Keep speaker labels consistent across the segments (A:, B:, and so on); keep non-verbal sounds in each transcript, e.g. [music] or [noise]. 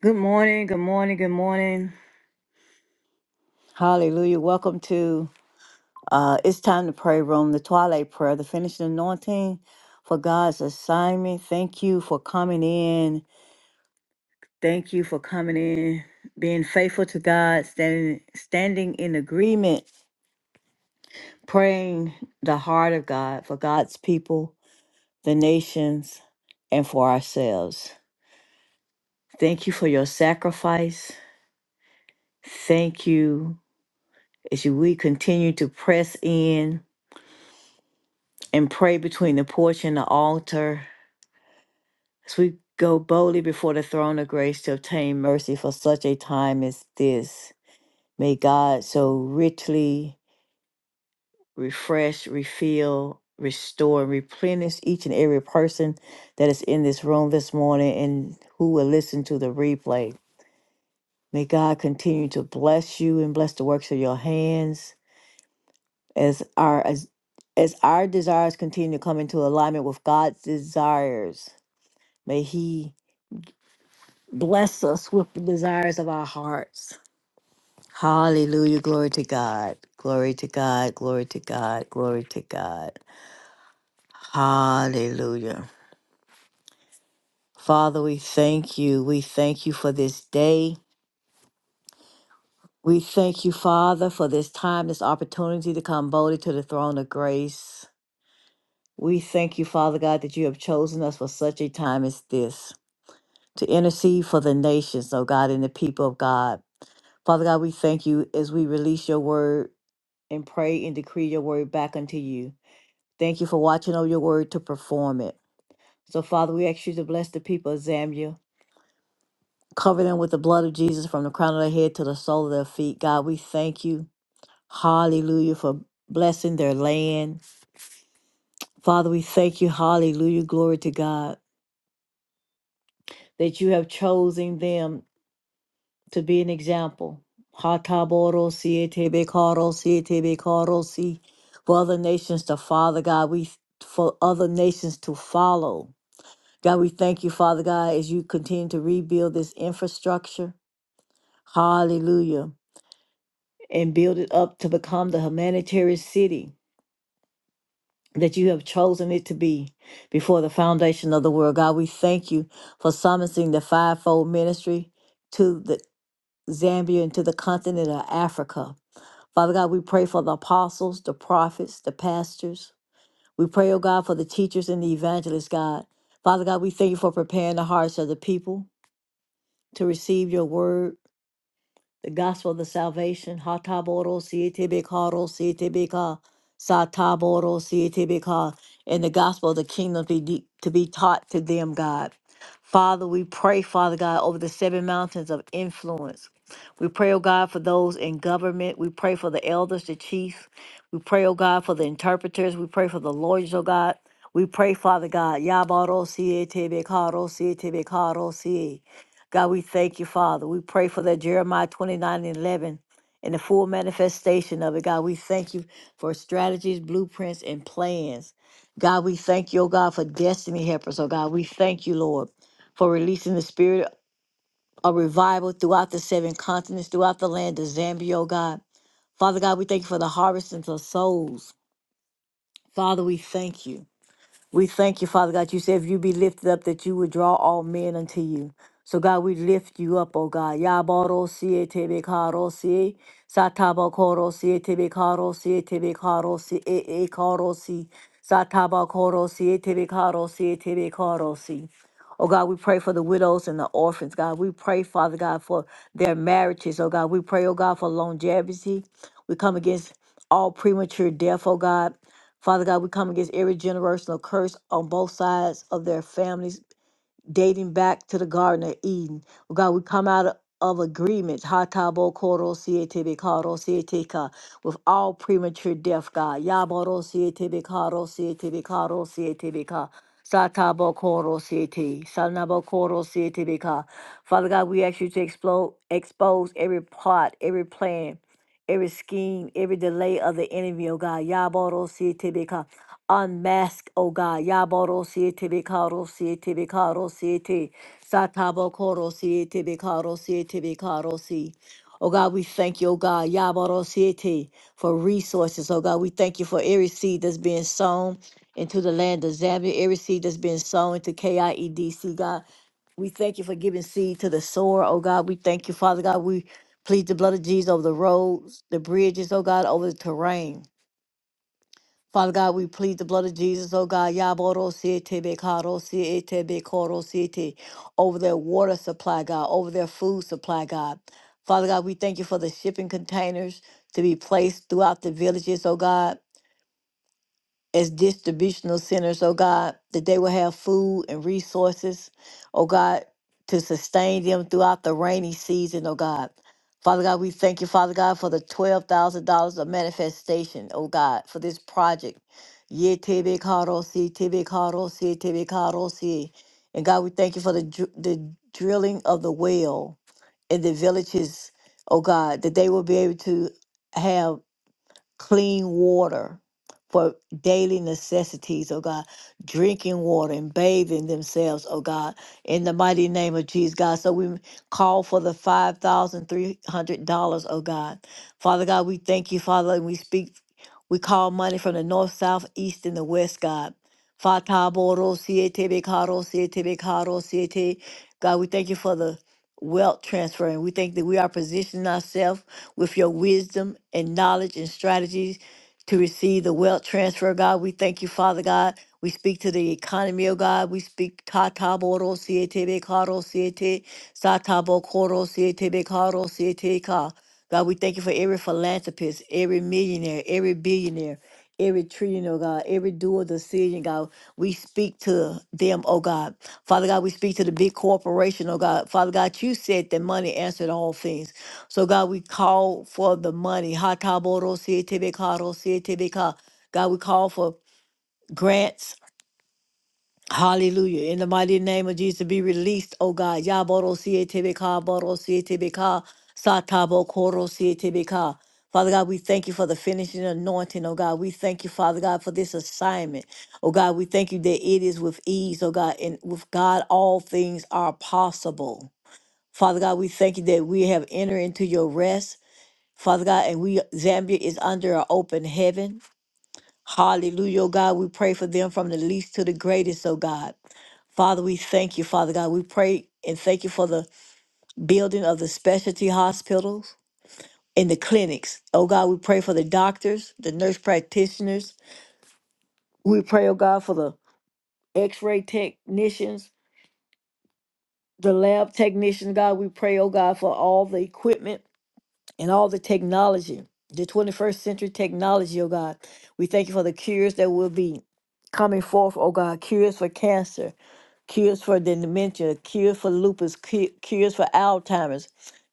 A: Good morning, good morning, good morning. Hallelujah. Welcome to uh It's Time to Pray Room, the Twilight Prayer, the finishing anointing for God's assignment. Thank you for coming in. Thank you for coming in, being faithful to God, standing standing in agreement, praying the heart of God for God's people, the nations, and for ourselves. Thank you for your sacrifice. Thank you as you we continue to press in and pray between the porch and the altar as we go boldly before the throne of grace to obtain mercy for such a time as this. May God so richly refresh, refill, restore, and replenish each and every person that is in this room this morning and who will listen to the replay. May God continue to bless you and bless the works of your hands as our as, as our desires continue to come into alignment with God's desires. May He Bless us with the desires of our hearts. Hallelujah. Glory to God. Glory to God. Glory to God. Glory to God. Hallelujah. Father, we thank you. We thank you for this day. We thank you, Father, for this time, this opportunity to come boldly to the throne of grace. We thank you, Father God, that you have chosen us for such a time as this to intercede for the nations, oh God, and the people of God. Father God, we thank you as we release your word and pray and decree your word back unto you. Thank you for watching over your word to perform it. So, Father, we ask you to bless the people of Zambia, cover them with the blood of Jesus from the crown of their head to the sole of their feet. God, we thank you, hallelujah, for blessing their land. Father, we thank you, hallelujah, glory to God, that you have chosen them to be an example. Hataborosi, etebekorosi, etebekorosi, For other nations to follow, God, we for other nations to follow. God, we thank you, Father God, as you continue to rebuild this infrastructure. Hallelujah. And build it up to become the humanitarian city that you have chosen it to be before the foundation of the world. God, we thank you for summoning the fivefold ministry to the Zambia and to the continent of Africa. Father God, we pray for the apostles, the prophets, the pastors. We pray, oh God, for the teachers and the evangelists, God. Father God, we thank you for preparing the hearts of the people to receive your word. the gospel of the salvation. Hataboro sietibikaro sietibika, sataboro sietibika, and the gospel of the kingdom to be, to be taught to them, God. Father, we pray, Father God, over the seven mountains of influence. We pray, oh God, for those in government. We pray for the elders, the chiefs. We pray, oh God, for the interpreters. We pray for the lawyers, oh God. We pray, Father God. Yabaro sietibikaro sietibikaro siye. God, we thank you, Father. We pray for that Jeremiah 29 and 11 and the full manifestation of it. God, we thank you for strategies, blueprints, and plans. God, we thank you, oh God, for destiny helpers. Oh God, we thank you, Lord, for releasing the spirit of revival throughout the seven continents, throughout the land of Zambia, oh God. Father God, we thank you for the harvest of souls. Father, we thank you. We thank you, Father God. You said if you be lifted up, that you would draw all men unto you. So, God, we lift you up, oh God. Yaboro siye tebe karo siye, sataba koro siye tebe karo siye tebe karo siye e e karo siye, sataba koro siye tebe karo siye tebe karo siye. Oh God, we pray for the widows and the orphans, God. We pray, Father God, for their marriages, oh God. We pray, oh God, for longevity. We come against all premature death, oh God. Father God, we come against every generational curse on both sides of their families, dating back to the Garden of Eden. Oh God, we come out of of agreements, hatabo koro siete bekaro siete ka, with all premature death, God. Yaboro siete bekaro siete bekaro siete beka. Satabo koro siete, sanabo koro siete beka. Father God, we ask you to explode, expose every plot, every plan, every scheme, every delay of the enemy, oh God. Yaboro Tibika. Unmask, oh God. Yaboro Tibikaro Tibikaro Siete. Satabo Koro Tibikaro Tibikaro Si. Oh God, we thank you, oh God, Yaboro Siete, for resources. Oh God, we thank you for every seed that's being sown into the land of Zambia, every seed that's been sown into KIEDC, God. We thank you for giving seed to the sower, oh God. We thank you, Father God. We plead the blood of Jesus over the roads, the bridges, oh God, over the terrain. Father God, we plead the blood of Jesus, oh God, Yaboro siete bekaro siete bekoro siete, over their water supply, God, over their food supply, God. Father God, we thank you for the shipping containers to be placed throughout the villages, oh God as distributional centers, oh God, that they will have food and resources, oh God, to sustain them throughout the rainy season, oh God. Father God, we thank you, Father God, for the $12,000 of manifestation, oh God, for this project. Ye tebe karo si, tebe karo si, tebe karo si. And God, we thank you for the, dr- the drilling of the well in the villages, oh God, that they will be able to have clean water for daily necessities, oh God, drinking water and bathing themselves, oh God, in the mighty name of Jesus, God. So we call for the $5,300, oh God. Father God, we thank you, Father, and we speak, we call money from the north, south, east, and the west, God. Fata boro siete bekaro siete bekaro siete. God, we thank you for the wealth transfer, and we think that we are positioning ourselves with your wisdom and knowledge and strategies to receive the wealth transfer, God. We thank you, Father God. We speak to the economy, oh God. We speak ta ta boro siete be caro siete, sa ta bo coro siete be caro siete ka. God, we thank you for every philanthropist, every millionaire, every billionaire, every trillionaire, oh God, every dual decision, God. We speak to them, oh God. Father God, we speak to the big corporation, oh God. Father God, you said that money answered all things. So God, we call for the money. Hataboro-sietebeka-ro-sietebeka. God, we call for grants. Hallelujah. In the mighty name of Jesus, be released, oh God. Yaboro-sietebeka, boro-sietebeka, satabokoro-sietebeka. Father God, we thank you for the finishing anointing, oh God. We thank you, Father God, for this assignment. Oh God, we thank you that it is with ease, oh God, and with God, all things are possible. Father God, we thank you that we have entered into your rest. Father God, and we Zambia is under an open heaven. Hallelujah, oh God. We pray for them from the least to the greatest, oh God. Father, we thank you, Father God. We pray and thank you for the building of the specialty hospitals and the clinics. Oh God, we pray for the doctors, the nurse practitioners. We pray, oh God, for the x-ray technicians, the lab technicians, God. We pray, oh God, for all the equipment. and all the technology, the 21st century technology, oh God. We thank you for the cures that will be coming forth, oh God, cures for cancer, cures for the dementia, cures for lupus, cu- cures for Alzheimer's,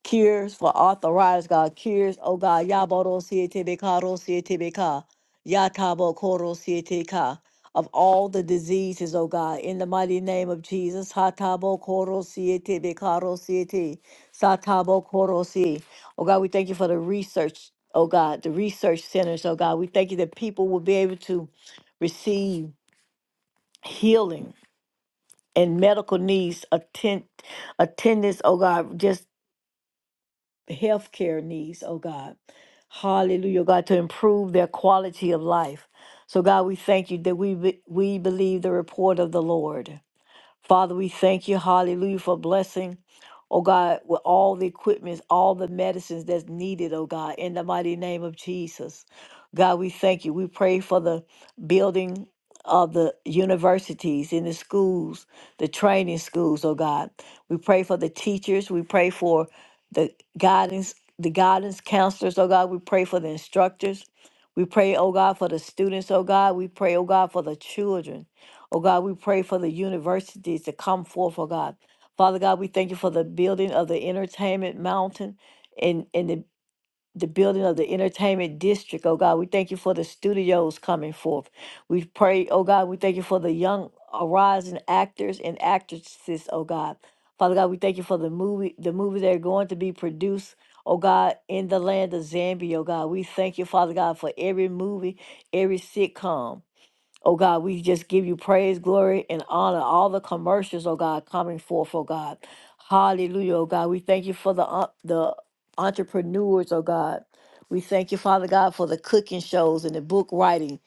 A: cures for arthritis, God, cures, oh God, Yabodo Sietebeka, Rosietebeka, Yatabo Koro Siete ka of all the diseases, oh God, in the mighty name of Jesus, Hatabo Koro Sietebeka, Rosiete, Satabo Koro Si. Oh God, we thank you for the research, oh God, the research centers, oh God, we thank you that people will be able to receive healing and medical needs, attend, attendance, oh God, just healthcare needs, oh God. Hallelujah, God, to improve their quality of life. So, God, we thank you that we, be- we believe the report of the Lord. Father, we thank you, hallelujah, for blessing, oh God, with all the equipment, all the medicines that's needed, oh God, in the mighty name of Jesus. God, we thank you. We pray for the building of the universities and the schools, the training schools, oh God. We pray for the teachers. We pray for the guidance, the guidance counselors, oh God. We pray for the instructors. We pray, oh God, for the students, oh God. We pray, oh God, for the children. Oh God, we pray for the universities to come forth, oh God. Father God, we thank you for the building of the entertainment mountain and, and the, the building of the entertainment district, oh God. We thank you for the studios coming forth. We pray, oh God, we thank you for the young arising actors and actresses, oh God. Father God, we thank you for the movie, the movies that are going to be produced, oh God, in the land of Zambia, oh God. We thank you, Father God, for every movie, every sitcom. Oh God, we just give you praise, glory, and honor. All the commercials, oh God, coming forth, oh God. Hallelujah, oh God. We thank you for the uh, the entrepreneurs, oh God. We thank you, Father God, for the cooking shows and the book writing.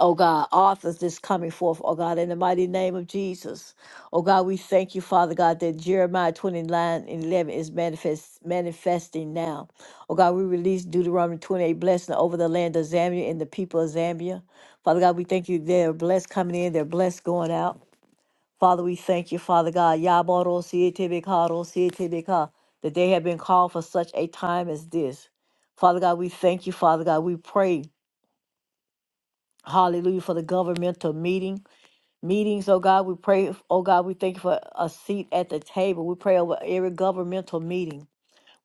A: Oh God, authors that's coming forth, oh God, in the mighty name of Jesus. Oh God, we thank you, Father God, that Jeremiah 29 and 11 is manifest, manifesting now. Oh God, we release Deuteronomy 28 blessing over the land of Zambia and the people of Zambia. Father God, we thank you. They're blessed coming in, they're blessed going out. Father, we thank you, Father God. Yaboro sietebekaro sietebeka, that they have been called for such a time as this. Father God, we thank you, Father God. We pray, hallelujah, for the governmental meeting. Meetings, oh God, we pray, oh God, we thank you for a seat at the table. We pray over every governmental meeting.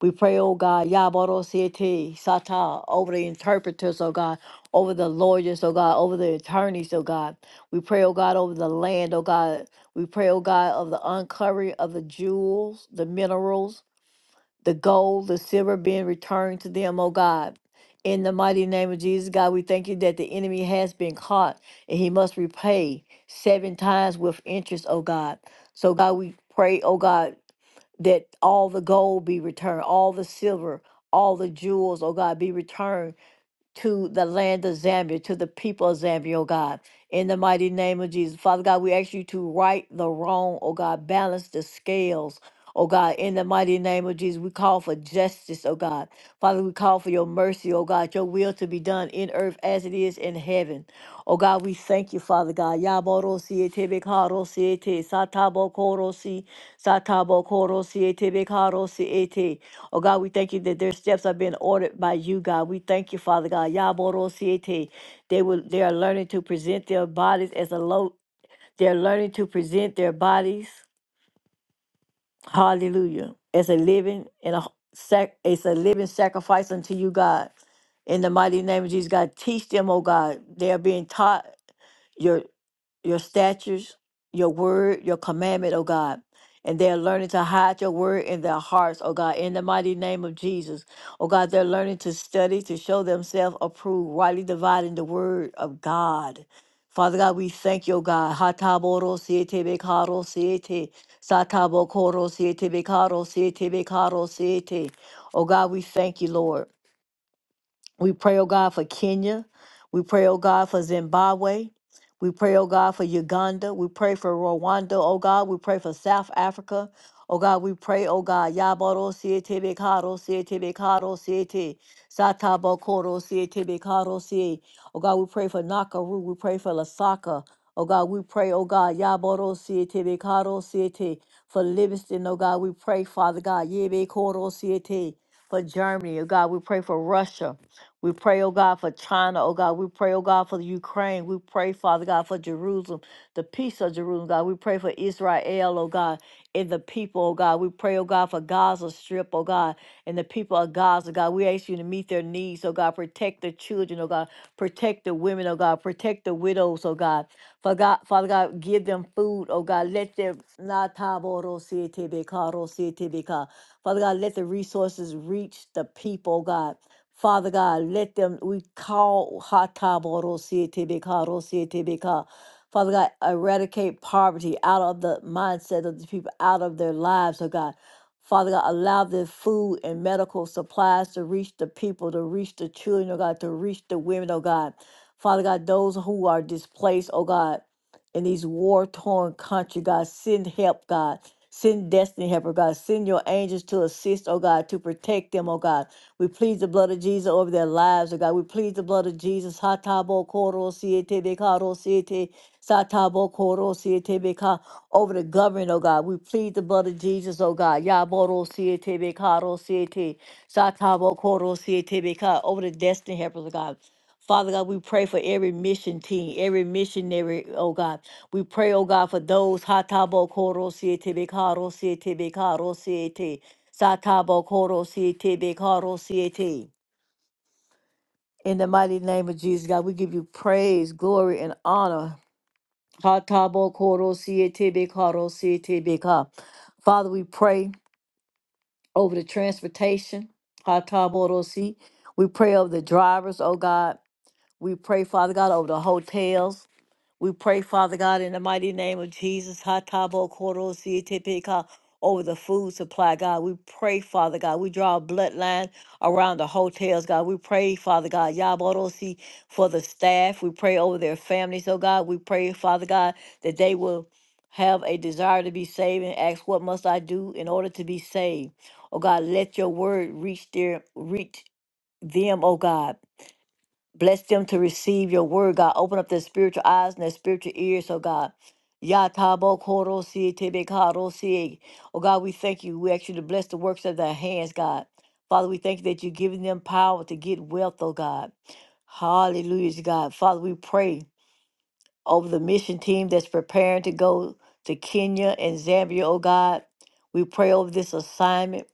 A: We pray, oh God, Yabarosiete, Sata, over the interpreters, oh God, over the lawyers, oh God, over the attorneys, oh God. We pray, oh God, over the land, oh God. We pray, oh God, of the uncovering of the jewels, the minerals, the gold, the silver being returned to them, O God. In the mighty name of Jesus, God, we thank you that the enemy has been caught and he must repay seven times with interest, O God. So, God, we pray, O God, that all the gold be returned, all the silver, all the jewels, oh God, be returned to the land of Zambia, to the people of Zambia, oh God. In the mighty name of Jesus. Father God, we ask you to right the wrong, oh God, balance the scales. Oh God, in the mighty name of Jesus, we call for justice, oh God. Father, we call for your mercy, oh God, your will to be done in earth as it is in heaven. Oh God, we thank you, Father God. Yaboro siete bekaro siete, satabo koro si, satabo koro siete bekaro siete. Oh God, we thank you that their steps are being ordered by you, God. We thank you, Father God. Yaborosiete. They will they are learning to present their bodies as a low they're learning to present their bodies, hallelujah, as a living and a sac as a living sacrifice unto you, God. In the mighty name of Jesus, God, teach them, oh God. They are being taught your statutes, your word, your commandment, O God. And they're learning to hide your word in their hearts, O God, in the mighty name of Jesus. O God, they're learning to study, to show themselves approved, rightly dividing the word of God. Father God, we thank you, oh God. Hataboro siete bekaro siete. Satabo siete bekaro siete bekaro siete. Oh God, we thank you, Lord. We pray, oh God, for Kenya. We pray, oh God, for Zimbabwe. We pray, oh God, for Uganda. We pray for Rwanda, oh God. We pray for South Africa. Oh God, we pray, oh God, Yaboro Siete Bekaro, Siete Bekaro, Siete, Satabo Koro, Siete Bekaro, Siete. Oh God, we pray for Nakaru. We pray for Lasaka. Oh God, we pray, oh God, Yaboro Siete Bekaro, Siete. For Livingston, oh God, we pray, Father God, Yebe Koro, Siete. For Germany, oh God, we pray for Russia. We pray, oh God, for China, oh God. We pray, oh God, for the Ukraine. We pray, Father God, for Jerusalem, the peace of Jerusalem, God. We pray for Israel, oh God, and the people, oh God. We pray, oh God, for Gaza Strip, oh God, and the people of Gaza, God. We ask you to meet their needs, oh God. Protect the children, oh God. Protect the women, oh God. Protect the widows, oh God. For God, Father God, give them food, oh God. Let them not Father God, let the resources reach the people, oh God. Father God, let them, we call Hataborosietebeka, Father God, eradicate poverty out of the mindset of the people, out of their lives, oh God. Father God, allow the food and medical supplies to reach the people, to reach the children, oh God, to reach the women, oh God. Father God, those who are displaced, oh God in these war torn country, God. Send help, God. Send destiny helper, God. Send your angels to assist, oh God, to protect them, oh God. We plead the blood of Jesus over their lives, oh God. We plead the blood of Jesus. Hatabo koro siete bekaro siete satabo koro siete beka over the government, oh God. We plead the blood of Jesus, oh God. Yaboro siete bekaro siete satabo koro siete beka over the destiny helpers, oh God. Father God, we pray for every mission team, every missionary, oh God. We pray, oh God, for those Hatabo Koro Siete Bekaro Siete Bekaro Siete. Satabo Koro Siete Bekaro Siete. In the mighty name of Jesus, God, we give you praise, glory, and honor. Hatabo Koro Siete Bekaro Siete Beka. Father, we pray over the transportation. Hatabo Rosi. We pray over the drivers, oh God. We pray, Father God, over the hotels. We pray, Father God, in the mighty name of Jesus, Hatabo Koro Sietepeka, over the food supply, God. We pray, Father God. We draw a bloodline around the hotels, God. We pray, Father God, Yaborosi for the staff. We pray over their families, oh God. We pray, Father God, that they will have a desire to be saved and ask, What must I do in order to be saved? Oh God, let your word reach their reach them, oh God. Bless them to receive your word, God. Open up their spiritual eyes and their spiritual ears, oh God. Ya tabo koro si tebe karo si. Oh God, we thank you. We ask you to bless the works of their hands, God. Father, we thank you that you're giving them power to get wealth, oh God. Hallelujah, God. Father, we pray over the mission team that's preparing to go to Kenya and Zambia, oh God. We pray over this assignment.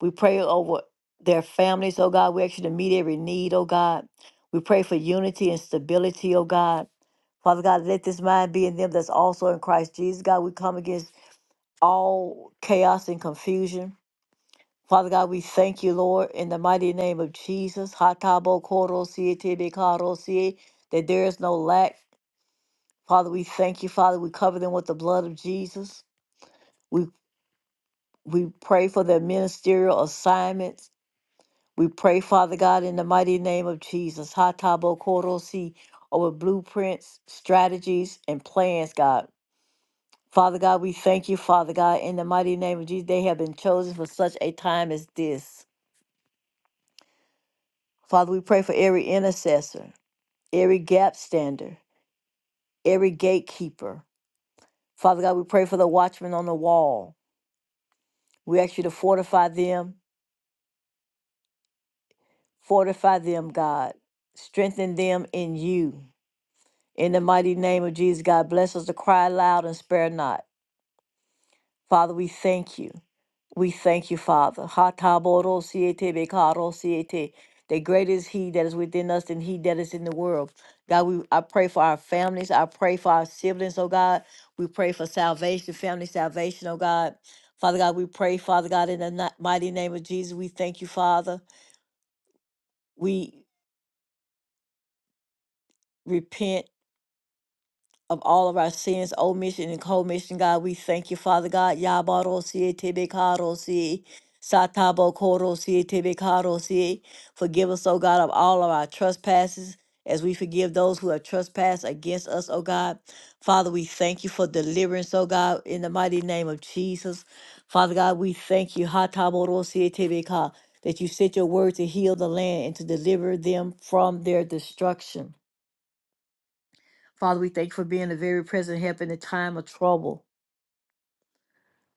A: We pray over their families, oh God. We ask you to meet every need, oh God. We pray for unity and stability, oh God. Father God, let this mind be in them that's also in Christ Jesus. God, we come against all chaos and confusion. Father God, we thank you, Lord, in the mighty name of Jesus. Hatabo koro siete bekaro sie, That there is no lack Father, we thank you, Father. We cover them with the blood of Jesus. We we pray for their ministerial assignments. We pray, Father God, in the mighty name of Jesus. Hatabo Korosi over blueprints, strategies, and plans, God. Father God, we thank you, Father God, in the mighty name of Jesus. They have been chosen for such a time as this. Father, we pray for every intercessor, every gap stander, every gatekeeper. Father God, we pray for the watchman on the wall. We ask you to fortify them Fortify them, God. Strengthen them in you. In the mighty name of Jesus, God, bless us to cry aloud and spare not. Father, we thank you. We thank you, Father. Ha ta bo ro si e te be ka ro si e te. The greater is He that is within us than He that is in the world. God, we I pray for our families. I pray for our siblings, oh God. We pray for salvation, family salvation, oh God. Father God, we pray, Father God, in the ni- mighty name of Jesus, we thank you, Father. We repent of all of our sins, omission and commission, God. We thank you, Father God. Yabarosie, tebekarosie, satabokorosie, tebekarosie. Forgive us, O God, of all of our trespasses as we forgive those who have trespassed against us, O God. Father, we thank you for deliverance, O God, in the mighty name of Jesus. Father God, we thank you, hatabarosie, tebeka, that you sent your word to heal the land and to deliver them from their destruction. Father, we thank you for being a very present help in the time of trouble.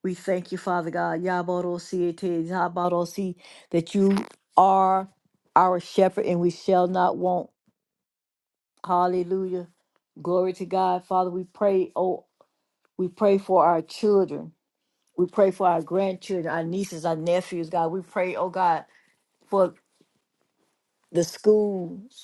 A: We thank you, Father God, Yabarosi, Yabarosi, that you are our shepherd and we shall not want. Hallelujah. Glory to God. Father, we pray, oh, we pray for our children. We pray for our grandchildren, our nieces, our nephews, God. We pray, oh God, for the schools.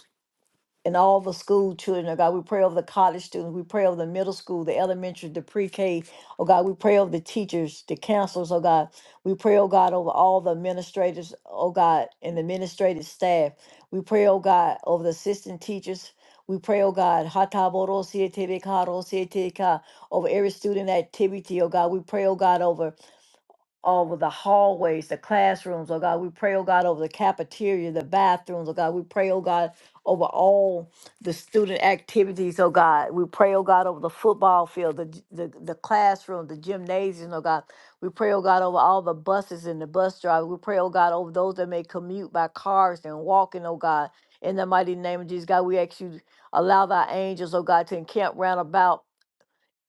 A: and all the school children, oh God, we pray over the college students, we pray over the middle school, the elementary, the pre-K, oh God, we pray over the teachers, the counselors, oh God, we pray, oh God, over all the administrators, oh God, and the administrative staff, we pray, oh God, over the assistant teachers, we pray, oh God, hataboro siete beka, ro siete ka, over every student activity, oh God, we pray, oh God, over over the hallways, the classrooms, oh God. We pray, oh God, over the cafeteria, the bathrooms, oh God. We pray, oh God, over all the student activities, oh God. We pray, oh God, over the football field, the, g- the, the classroom, the gymnasium, oh God. We pray, oh God, over all the buses and the bus drivers. We pray, oh God, over those that may commute by cars and walking, oh God. In the mighty name of Jesus, God, we ask you, allow thy angels, oh God, to encamp round about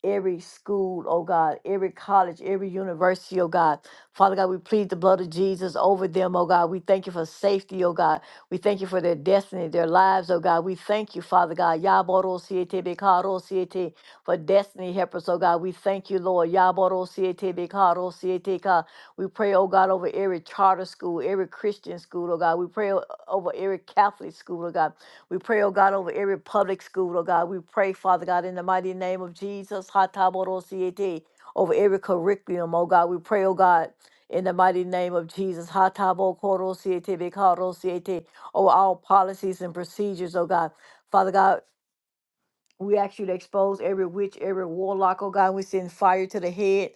A: every school, oh God, every college, every university, oh God. Father God, we plead the blood of Jesus over them, oh God. We thank you for safety, oh God. We thank you for their destiny, their lives, oh God. We thank you, Father God, Yaboro Siete Bekaro Siete, for destiny helpers, oh God. We thank you, Lord. Yaboro Siete Bekaro Siete Ka. We pray, oh God, over every charter school, every Christian school, oh God. We pray o- over every Catholic school, oh God. We pray, oh God, over every public school, oh God. We pray, Father God, in the mighty name of Jesus, Hataborosiete, over every curriculum, oh God. We pray, oh God, in the mighty name of Jesus, Hatabokorosiete, Bekarosiete, over all policies and procedures, oh God. Father God, we ask you to expose every witch, every warlock, oh God. We send fire to the head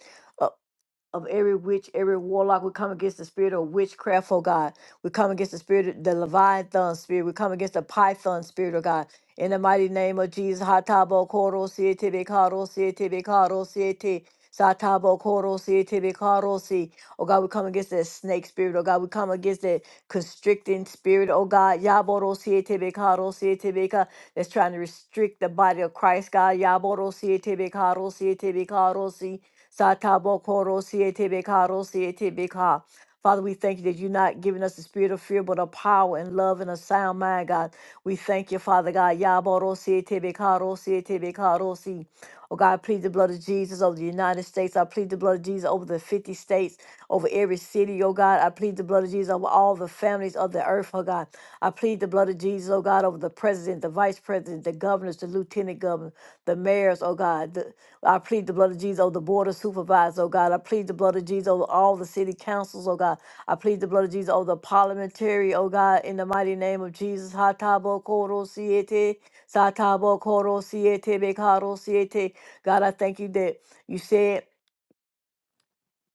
A: of every witch, every warlock. We come against the spirit of witchcraft, oh God. We come against the spirit, of the Leviathan spirit. We come against the Python spirit, oh God. In the mighty name of Jesus, Hatabo Koro Siete Bekaro Siete Bekaro Siete. Satabo Koro Siete Bekaro Si. Oh God, we come against that snake spirit, oh God. We come against that constricting spirit, oh God. Yaboro Siete Bekaro Siete Beka that's trying to restrict the body of Christ, God. Yaborosi etebekarosi etebekarosi satabokorosi etebekarosi etebeka. Father, we thank you that you're not giving us the spirit of fear, but of power and love and a sound mind, God. We thank you, Father God. Yaborosi etebekarosi etebekarosi. Oh God, I plead the blood of Jesus over the United States. I plead the blood of Jesus over the 50 states, over every city, oh God. I plead the blood of Jesus over all the families of the earth, oh God. I plead the blood of Jesus, oh God, over the president, the vice president, the governors, the lieutenant governor, the mayors, oh God. The- I plead the blood of Jesus over the board of supervisors, oh God. I plead the blood of Jesus over all the city councils, oh God. I plead the blood of Jesus over the parliamentary, oh God, in the mighty name of Jesus. Hatabo Koro Siete, Satabo Koro Siete, Bekaro Siete. God, I thank you that you said,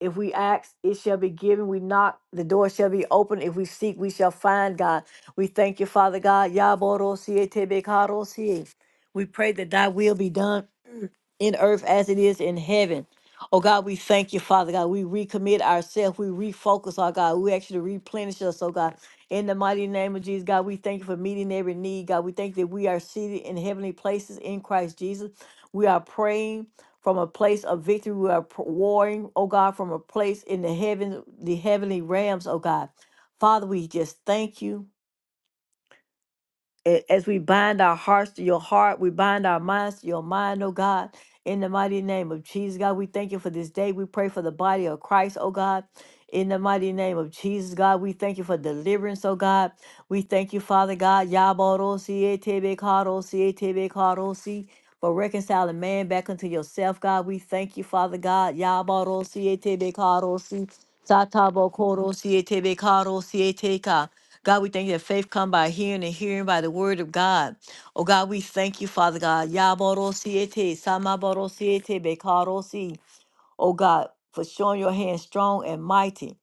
A: if we ask, it shall be given. We knock, the door shall be open. If we seek, we shall find, God. We thank you, Father God. Yaborosie tebekarosie. We pray that thy will be done in earth as it is in heaven. Oh God, we thank you, Father God. We recommit ourselves. We refocus, our God. We actually replenish us, oh God. In the mighty name of Jesus, God, we thank you for meeting every need, God. We thank you that we are seated in heavenly places in Christ Jesus. We are praying from a place of victory. We are pr- warring, oh God, from a place in the heaven, the heavenly realms, oh God. Father, we just thank you a- as we bind our hearts to your heart, we bind our minds to your mind, oh God. In the mighty name of Jesus, God, we thank you for this day. We pray for the body of Christ, oh God. In the mighty name of Jesus, God, we thank you for deliverance, oh God. We thank you, Father God, Yaborosi, Etebekarosi, Etebekarosi, for reconciling man back unto yourself, God. We thank you, Father God, Yaborosi, Etebekarosi, Satabokorosi, Etebekarosi, Eteka. God, we thank you that faith come by hearing and hearing by the word of God. Oh God, we thank you, Father God. Yaboro siete, samaboro siete, bekaro si. Oh God, for showing your hand strong and mighty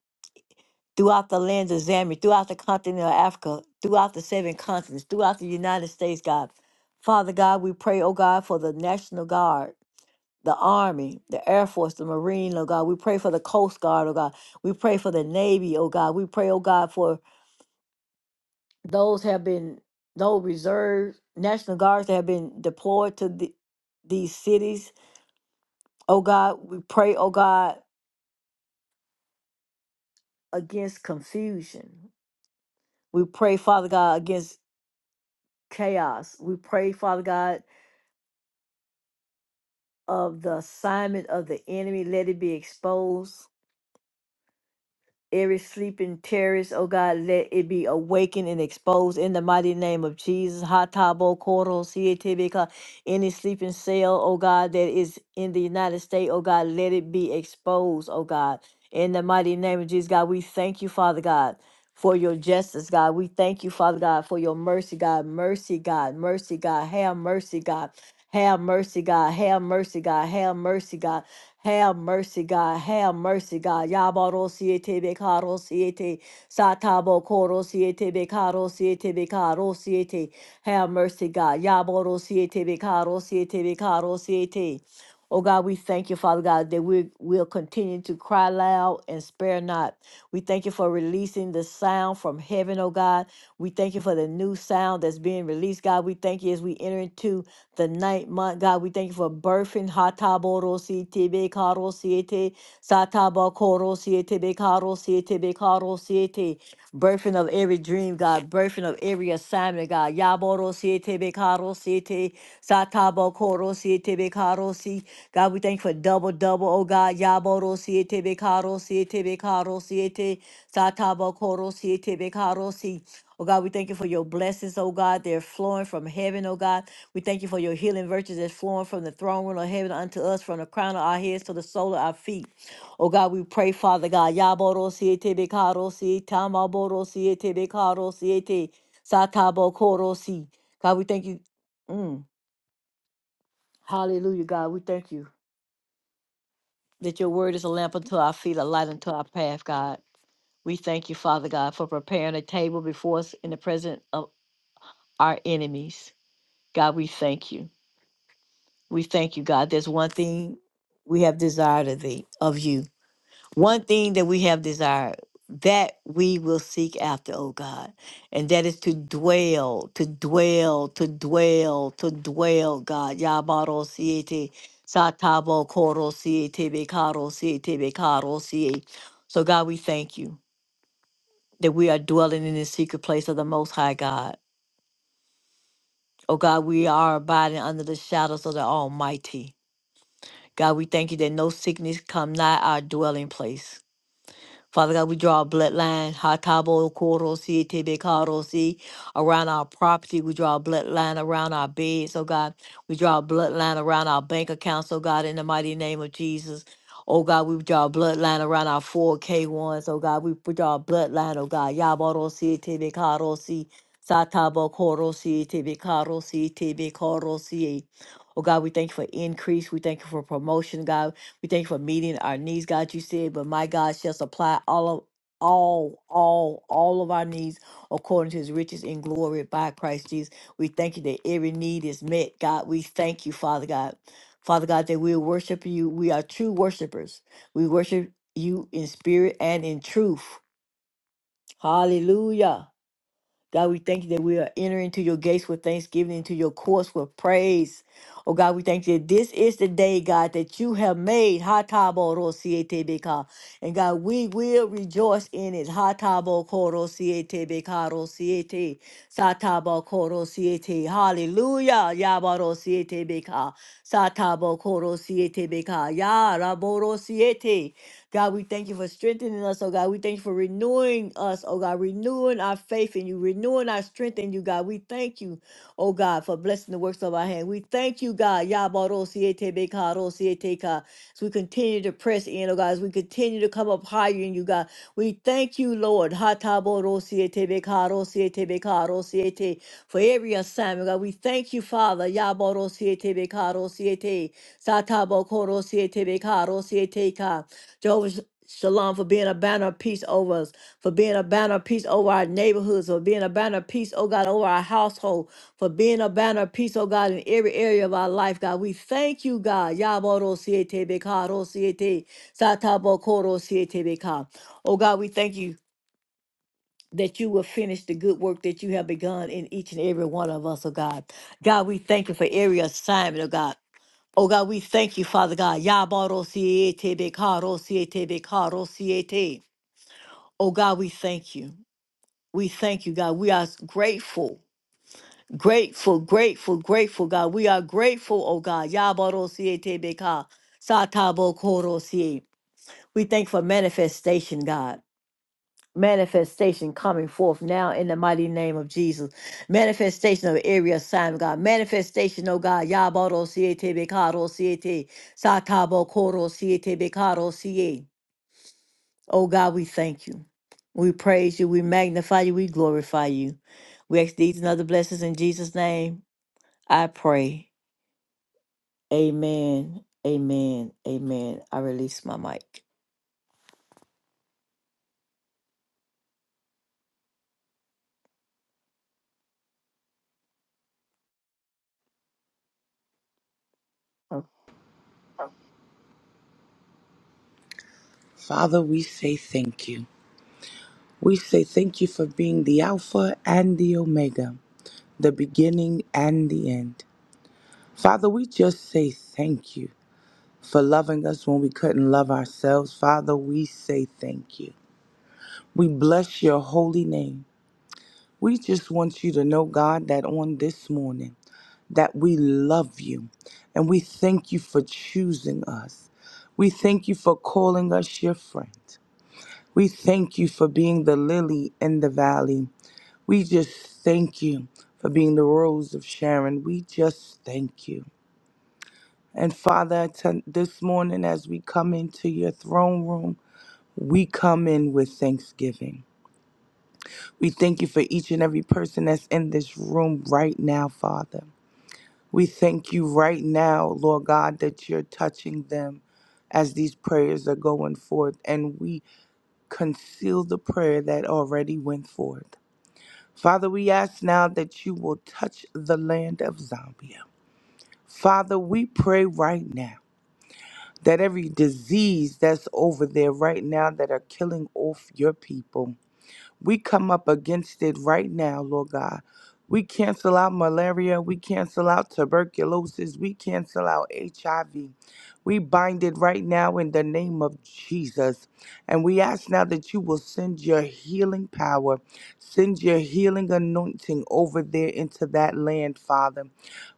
A: throughout the lands of Zambia, throughout the continent of Africa, throughout the seven continents, throughout the United States, God. Father God, we pray, oh God, for the National Guard, the Army, the Air Force, the Marine, oh God. We pray for the Coast Guard, oh God. We pray for the Navy, oh God. We pray, oh God, for those have been those reserves, national guards that have been deployed to the, these cities. Oh God, we pray, oh God, against confusion. We pray, Father God, against chaos. We pray, Father God, of the assignment of the enemy. Let it be exposed. Every sleeping terrorist, oh God, let it be awakened and exposed in the mighty name of Jesus. Hatabo Koro Sietibika. Any sleeping cell, oh God, that is in the United States, oh God, let it be exposed, oh God. In the mighty name of Jesus, God, we thank you, Father God, for your justice, God. We thank you, Father God, for your mercy, God. Mercy, God. Mercy, God. Have mercy, God. Have mercy, God. Have mercy, God. Have mercy, God. Have mercy, God. Have mercy, God. Yabaro siete bekaro siete. Satabo koro siete bekaro siete bekaro siete. Have mercy, God. Yaboro siete bekaro siete bekaro siete. Oh God, we thank you, Father God, that we will continue to cry loud and spare not. We thank you for releasing the sound from heaven, oh God. We thank you for the new sound that's being released, God. We thank you as we enter into the ninth month, God. We thank you for birthing. Hatabodo si tebe karo siete Sataba korosiyete be karosiyete be karosiyete. Birthing of every dream, God. Birthing of every assignment, God. Yaborosiyete be karosiyete. Sataba korosiyete be karosi. God, we thank you for double, double, oh God. Yaborosiyete be karosiyete be karosiyete. Sataba korosiyete be karosi. Oh God, we thank you for your blessings, oh God. They're flowing from heaven, oh God. We thank you for your healing virtues that's flowing from the throne room of heaven unto us, from the crown of our heads to the sole of our feet. Oh God, we pray, Father God, Yaboro siete bekaro si, tamaboro siete bekaro siete, satabo koro si. God, we thank you. Mm. Hallelujah, God, we thank you that your word is a lamp unto our feet, a light unto our path, God. We thank you, Father God, for preparing a table before us in the presence of our enemies. God, we thank you. We thank you, God. There's one thing we have desired of thee, of you. one thing that we have desired that we will seek after, O God, and that is to dwell, to dwell, to dwell, to dwell, God. Yabaro siete, satabo koro siete, bekaro siete, bekaro siete. So, God, we thank you that we are dwelling in the secret place of the Most High God. Oh God, we are abiding under the shadows of the Almighty. God, we thank you that no sickness come nigh our dwelling place. Father God, we draw a bloodline, Hatabo, Korosi, Tebekarosi, around our property. We draw a bloodline around our beds, oh God. We draw a bloodline around our bank accounts, oh God, in the mighty name of Jesus. Oh God, we draw a bloodline around our 4K1s, oh God. We draw a bloodline, oh God. Yaborosi, Tebekarosi, Satabo, Korosi, Tebekarosi, Tebekarosi. Oh God, we thank you for increase. We thank you for promotion, God. We thank you for meeting our needs, God. You said, but my God shall supply all of all, all, all of our needs according to his riches in glory by Christ Jesus. We thank you that every need is met, God. We thank you, Father God. Father God, that we worship you. We are true worshipers. We worship you in spirit and in truth. Hallelujah. God, we thank you that we are entering into your gates with thanksgiving, into your courts with praise. Oh God, we thank you that this is the day, God, that you have made. Ha tabo ro siete beka. And God, we will rejoice in it. Ha tabo koro siete beka ro siete. Sa tabo koro siete. Hallelujah. Yabaro siete beka. Sa tabo koro siete beka. Ya raboro siete. God, we thank you for strengthening us, oh God. We thank you for renewing us, oh God, renewing our faith in you, renewing our strength in you, God. We thank you, oh God, for blessing the works of our hand. We thank you, God. Yabaro siete so we continue to press in, oh God, as we continue to come up higher in you, God. We thank you, Lord. hataboro siete beka ro siete siete For every assignment, God. We thank you, Father. Yaboro-siete-beka-ro-siete, Satabokoro-siete-beka-ro-siete-ka. Jehovah Shalom, for being a banner of peace over us, for being a banner of peace over our neighborhoods, for being a banner of peace, oh God, over our household, for being a banner of peace, oh God, in every area of our life, God. We thank you, God. Yaboro siete beka, ro siete, satabo koro siete beka. Oh God, we thank you that you will finish the good work that you have begun in each and every one of us, oh God. God, we thank you for every assignment, oh God. Oh God, we thank you, Father God. Yaboro siete beka, ro siete beka, ro siete. Oh God, we thank you. We thank you, God. We are grateful, grateful, grateful, grateful, God. We are grateful, oh God. Yabarosietebeka, satabokorosie. We thank for manifestation, God. Manifestation coming forth now in the mighty name of Jesus. Manifestation of every assignment, God. Manifestation, oh God. Yabaro siete bekaro siete. Satabo koro siete Oh God, we thank you. We praise you. We magnify you. We glorify you. We ask these and other blessings in Jesus' name. I pray. Amen. Amen. Amen. I release my mic.
B: Father, we say thank you. We say thank you for being the Alpha and the Omega, the beginning and the end. Father, we just say thank you for loving us when we couldn't love ourselves. Father, we say thank you. We bless your holy name. We just want you to know, God, that on this morning, that we love you and we thank you for choosing us. We thank you for calling us your friend. We thank you for being the lily in the valley. We just thank you for being the rose of Sharon. We just thank you. And Father, to- this morning as we come into your throne room, we come in with thanksgiving. We thank you for each and every person that's in this room right now, Father. We thank you right now, Lord God, that you're touching them as these prayers are going forth. And we conceal the prayer that already went forth. Father, we ask now that you will touch the land of Zambia. Father, we pray right now that every disease that's over there right now that are killing off your people. We come up against it right now, Lord God. We cancel out malaria. We cancel out tuberculosis. We cancel out HIV. We bind it right now in the name of Jesus. And we ask now that you will send your healing power, send your healing anointing over there into that land, Father.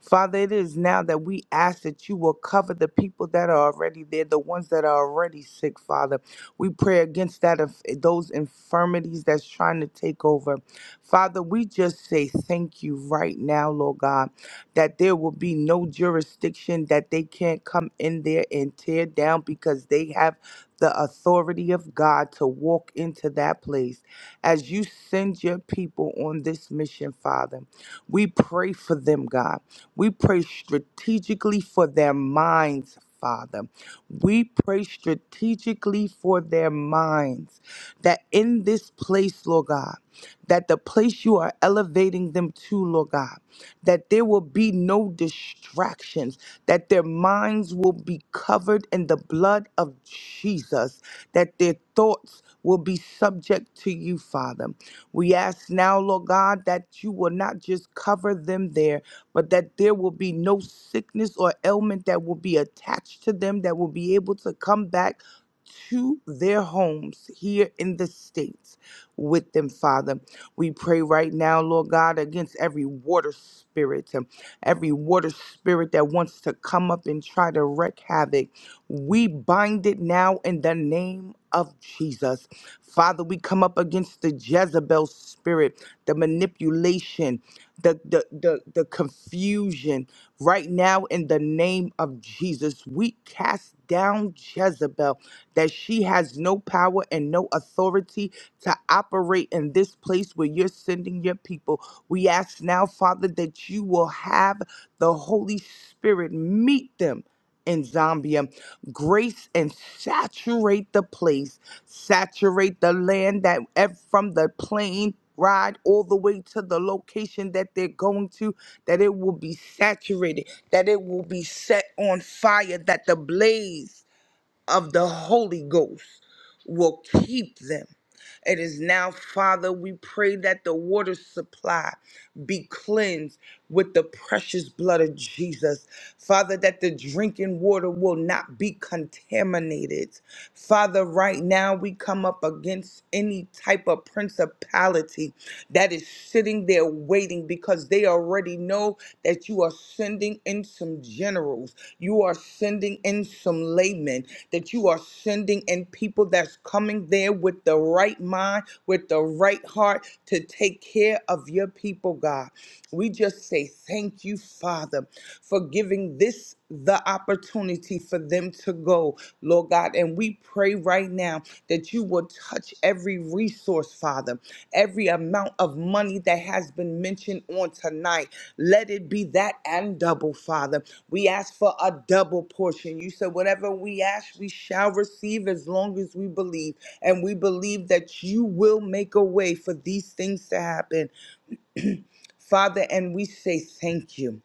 B: Father, it is now that we ask that you will cover the people that are already there, the ones that are already sick, Father. We pray against that of those infirmities that's trying to take over. Father, we just say thank you right now, Lord God, that there will be no jurisdiction that they can't come in there and tear down because they have the authority of God to walk into that place. As you send your people on this mission, Father, we pray for them, God. We pray strategically for their minds, Father. We pray strategically for their minds that in this place, Lord God, that the place you are elevating them to, Lord God, that there will be no distractions, that their minds will be covered in the blood of Jesus, that their thoughts will be subject to you, Father. We ask now, Lord God, that you will not just cover them there, but that there will be no sickness or ailment that will be attached to them that will be able to come back to their homes here in the States with them, Father. We pray right now, Lord God, against every water spirit, um, every water spirit that wants to come up and try to wreak havoc. We bind it now in the name of Jesus. Father, we come up against the Jezebel spirit, the manipulation the, the the the confusion right now in the name of Jesus we cast down Jezebel that she has no power and no authority to operate in this place where you're sending your people we ask now father that you will have the holy spirit meet them in Zambia grace and saturate the place, saturate the land that ev- from the plane ride all the way to the location that they're going to, that it will be saturated, that it will be set on fire, that the blaze of the Holy Ghost will keep them. It is now, Father, we pray that the water supply be cleansed with the precious blood of Jesus. Father, that the drinking water will not be contaminated. Father, right now we come up against any type of principality that is sitting there waiting because they already know that you are sending in some generals, you are sending in some laymen, that you are sending in people that's coming there with the right mind, with the right heart to take care of your people, God. We just say thank you, Father, for giving this the opportunity for them them to go, Lord God. And we pray right now that you will touch every resource, Father, every amount of money that has been mentioned on tonight. Let it be that and double, Father. We ask for a double portion. You said, whatever we ask, we shall receive as long as we believe. And we believe that you will make a way for these things to happen, Father. And we say thank you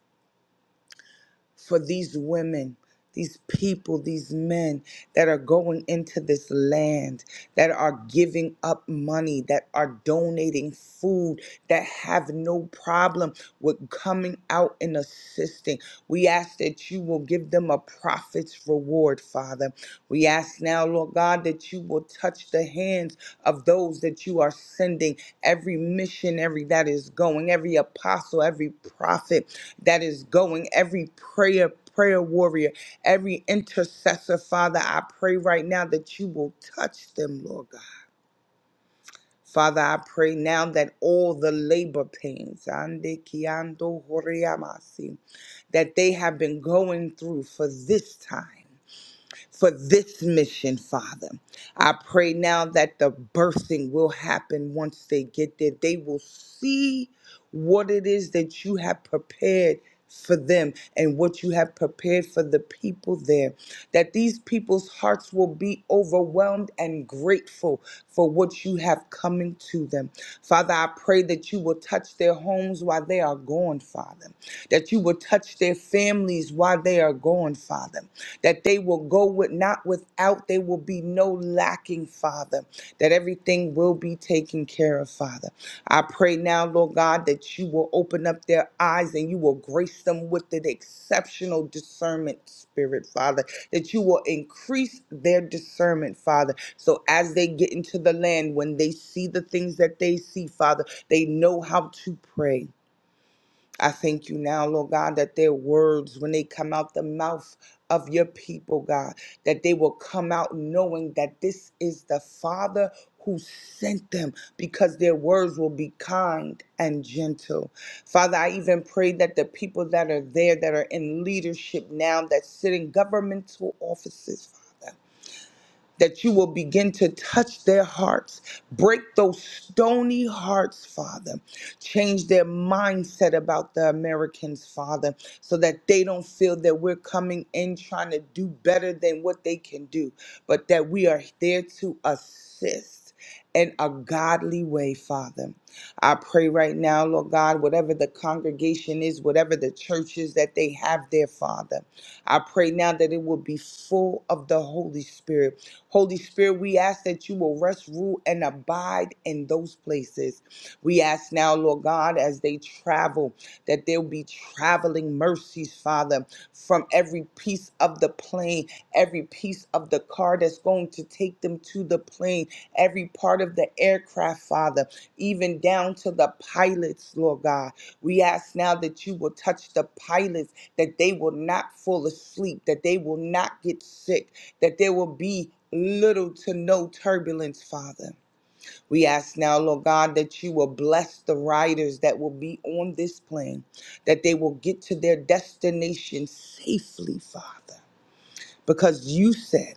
B: for these women, these people, these men that are going into this land, that are giving up money, that are donating food, that have no problem with coming out and assisting. We ask that you will give them a prophet's reward, Father. We ask now, Lord God, that you will touch the hands of those that you are sending, every missionary that is going, every apostle, every prophet that is going, every prayer. Prayer warrior, every intercessor, Father, I pray right now that you will touch them, Lord God. Father, I pray now that all the labor pains, ande kiando horiamasi, that they have been going through for this time for this mission, Father. I pray now that the birthing will happen once they get there. They will see what it is that you have prepared for them and what you have prepared for the people there. That these people's hearts will be overwhelmed and grateful for what you have coming to them. Father, I pray that you will touch their homes while they are gone, Father. That you will touch their families while they are gone, Father that they will go with not without, There will be no lacking, Father, that everything will be taken care of, Father. I pray now, Lord God, that you will open up their eyes and you will grace them with an exceptional discernment spirit, Father, that you will increase their discernment, Father. So as they get into the land, when they see the things that they see, Father, they know how to pray. I thank you now, Lord God, that their words, when they come out the mouth of your people, God, that they will come out knowing that this is the Father who sent them because their words will be kind and gentle. Father, I even pray that the people that are there, that are in leadership now, that sit in governmental offices, Father, that you will begin to touch their hearts. Break those stony hearts, Father. Change their mindset about the Americans, Father, so that they don't feel that we're coming in trying to do better than what they can do, but that we are there to assist. In a godly way, Father. I pray right now, Lord God, whatever the congregation is, whatever the churches that they have there, Father, I pray now that it will be full of the Holy Spirit Holy Spirit, we ask that you will rest, rule, and abide in those places. We ask now, Lord God, as they travel, that there'll be traveling mercies, Father, from every piece of the plane, every piece of the car that's going to take them to the plane, every part of the aircraft, Father, even down to the pilots, Lord God. We ask now that you will touch the pilots, that they will not fall asleep, that they will not get sick that there will be little to no turbulence, Father. We ask now, Lord God, that you will bless the riders that will be on this plane, that they will get to their destination safely, Father, because you said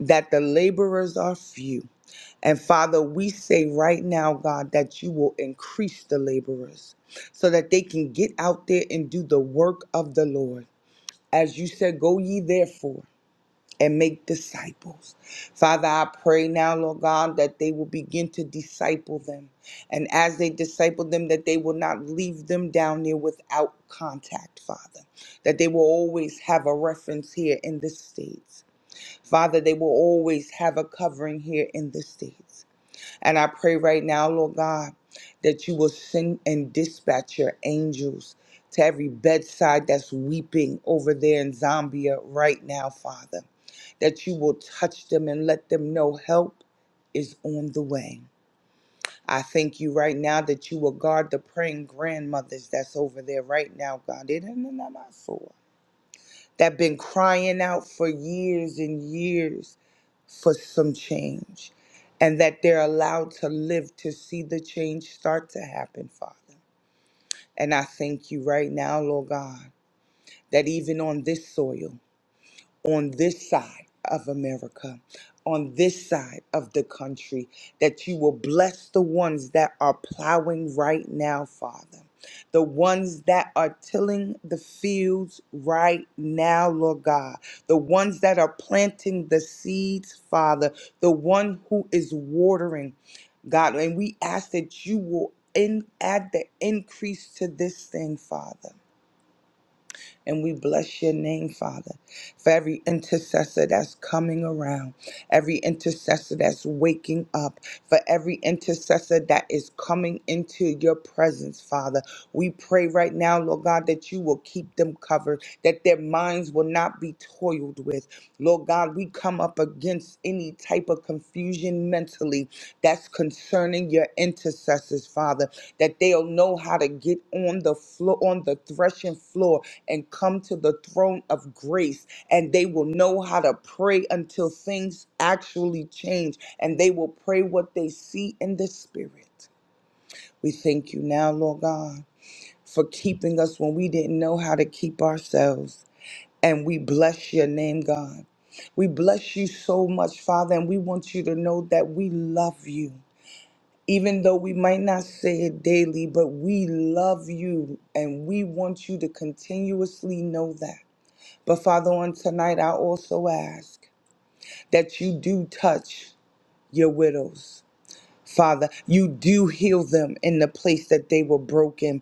B: that the laborers are few. And Father, we say right now, God, that you will increase the laborers so that they can get out there and do the work of the Lord. As you said, go ye therefore and make disciples. Father, I pray now, Lord God, that they will begin to disciple them. And as they disciple them, that they will not leave them down there without contact, Father. That they will always have a reference here in the States. Father, they will always have a covering here in the States. And I pray right now, Lord God, that you will send and dispatch your angels to every bedside that's weeping over there in Zambia right now, Father that you will touch them and let them know help is on the way. I thank you right now that you will guard the praying grandmothers that's over there right now, God. It ain't none of my fault. That been crying out for years and years for some change. And that they're allowed to live to see the change start to happen, Father. And I thank you right now, Lord God, that even on this soil. on this side of America, on this side of the country, that you will bless the ones that are plowing right now, Father. The ones that are tilling the fields right now, Lord God. The ones that are planting the seeds, Father. The one who is watering, God. And we ask that you will in, add the increase to this thing, Father. And we bless your name, Father, for every intercessor that's coming around, every intercessor that's waking up, for every intercessor that is coming into your presence, Father. We pray right now, Lord God, that you will keep them covered, that their minds will not be toiled with. Lord God, we come up against any type of confusion mentally that's concerning your intercessors, Father, that they'll know how to get on the floor, on the threshing floor and come to the throne of grace and they will know how to pray until things actually change and they will pray what they see in the spirit. We thank you now, Lord God, for keeping us when we didn't know how to keep ourselves. And we bless your name, God. We bless you so much, Father, and we want you to know that we love you. Even though we might not say it daily, but we love you and we want you to continuously know that. But Father, on tonight, I also ask that you do touch your widows. Father, you do heal them in the place that they were broken.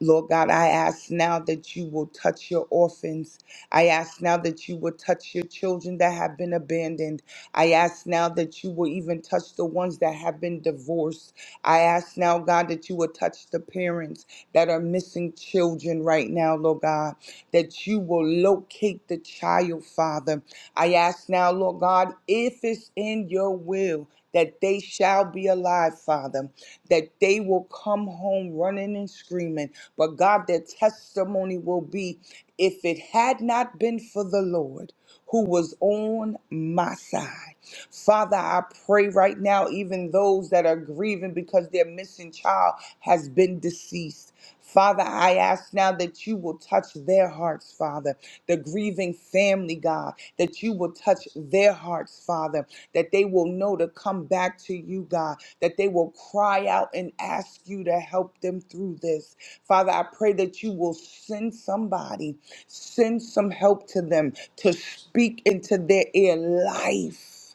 B: Lord God, I ask now that you will touch your orphans. I ask now that you will touch your children that have been abandoned. I ask now that you will even touch the ones that have been divorced. I ask now, God, that you will touch the parents that are missing children right now, Lord God, that you will locate the child, Father. I ask now, Lord God, if it's in your will, that they shall be alive, Father, that they will come home running and screaming. But God, their testimony will be if it had not been for the Lord who was on my side. Father, I pray right now, even those that are grieving because their missing child has been deceased. Father, I ask now that you will touch their hearts, Father. The grieving family, God, that you will touch their hearts, Father, that they will know to come back to you, God, that they will cry out and ask you to help them through this. Father, I pray that you will send somebody, send some help to them to speak into their ear life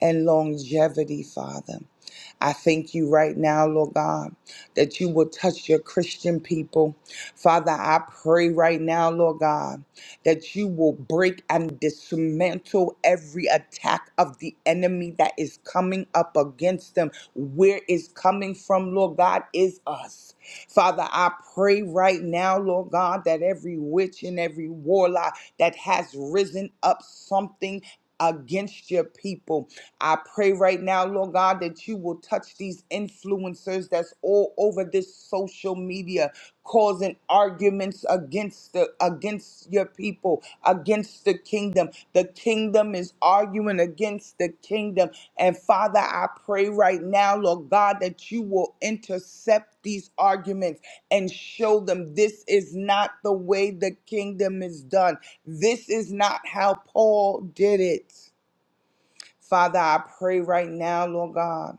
B: and longevity, Father. I thank you right now, Lord God, that you will touch your Christian people. Father, I pray right now, Lord God, that you will break and dismantle every attack of the enemy that is coming up against them. Where it's coming from, Lord God, is us. Father, I pray right now, Lord God, that every witch and every warlock that has risen up something against your people. I pray right now, Lord God, that you will touch these influencers that's all over this social media causing arguments against the against your people, against the kingdom. The kingdom is arguing against the kingdom. And Father, I pray right now, Lord God, that you will intercept these arguments and show them this is not the way the kingdom is done. This is not how Paul did it. Father, I pray right now, Lord God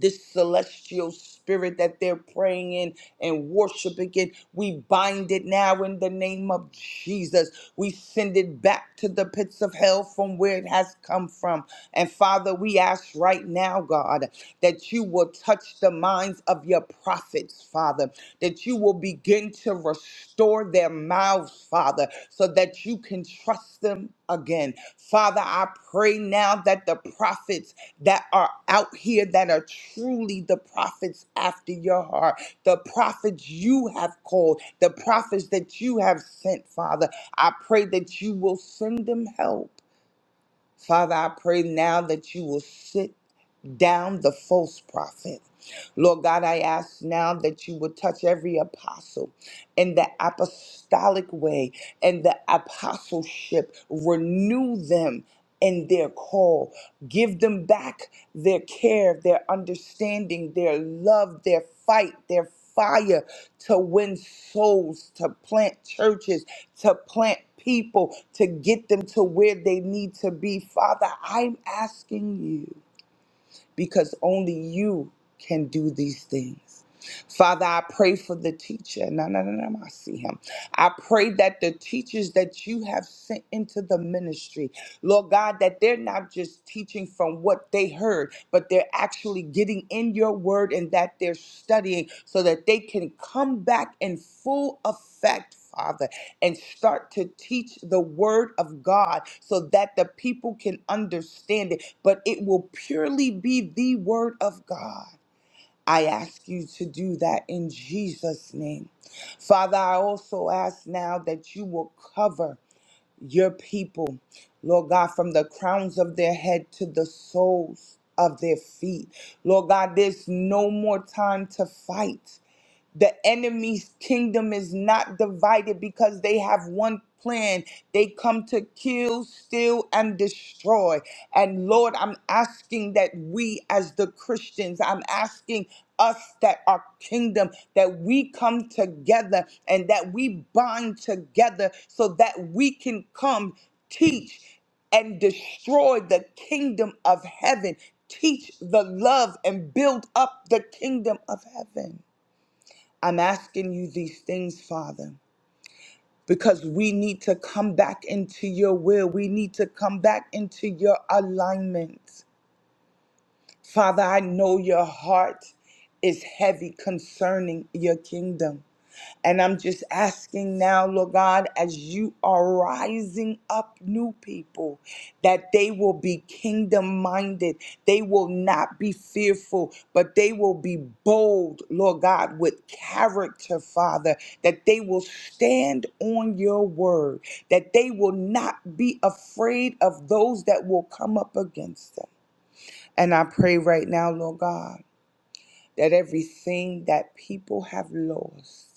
B: this celestial spirit that they're praying in and worshiping in. We bind it now in the name of Jesus. We send it back to the pits of hell from where it has come from. And Father, we ask right now, God, that you will touch the minds of your prophets, Father, that you will begin to restore their mouths, Father, so that you can trust them again. Father, I pray now that the prophets that are out here that are truly the prophets after your heart, the prophets you have called, the prophets that you have sent, Father. I pray that you will send them help. Father, I pray now that you will sit down the false prophet. Lord God, I ask now that you would touch every apostle in the apostolic way and the apostleship. Renew them in their call. Give them back their care, their understanding, their love, their fight, their fire to win souls, to plant churches, to plant people, to get them to where they need to be. Father, I'm asking you because only you can do these things. Father, I pray for the teacher. No, no, no, no, I see him. I pray that the teachers that you have sent into the ministry, Lord God, that they're not just teaching from what they heard, but they're actually getting in your word and that they're studying so that they can come back in full effect, Father, and start to teach the word of God so that the people can understand it, but it will purely be the word of God. I ask you to do that in Jesus' name. Father, I also ask now that you will cover your people, Lord God, from the crowns of their head to the soles of their feet. Lord God, there's no more time to fight. The enemy's kingdom is not divided because they have one plan. They come to kill, steal, and destroy. And Lord, I'm asking that we, as the Christians, I'm asking us that our kingdom, that we come together and that we bind together so that we can come teach and destroy the kingdom of heaven. Teach the love and build up the kingdom of heaven. I'm asking you these things, Father, because we need to come back into your will. We need to come back into your alignment. Father, I know your heart is heavy concerning your kingdom. And I'm just asking now, Lord God, as you are rising up new people, that they will be kingdom minded. They will not be fearful, but they will be bold, Lord God, with character, Father, that they will stand on your word, that they will not be afraid of those that will come up against them. And I pray right now, Lord God, that everything that people have lost,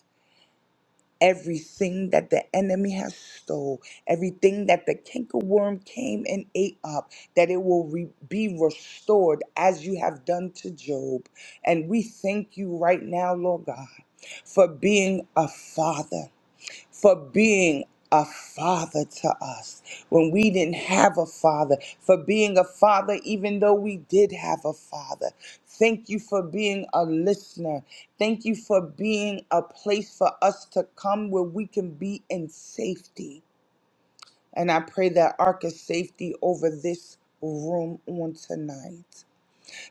B: everything that the enemy has stole, everything that the cankerworm came and ate up, that it will re- be restored as you have done to Job. And we thank you right now, Lord God, for being a father for being a father to us when we didn't have a father, for being a father even though we did have a father. Thank you for being a listener. Thank you for being a place for us to come where we can be in safety. And I pray that ark of safety over this room on tonight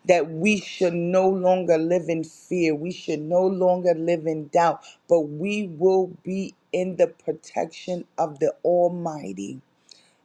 B: that we should no longer live in fear. We should no longer live in doubt, but we will be in the protection of the Almighty.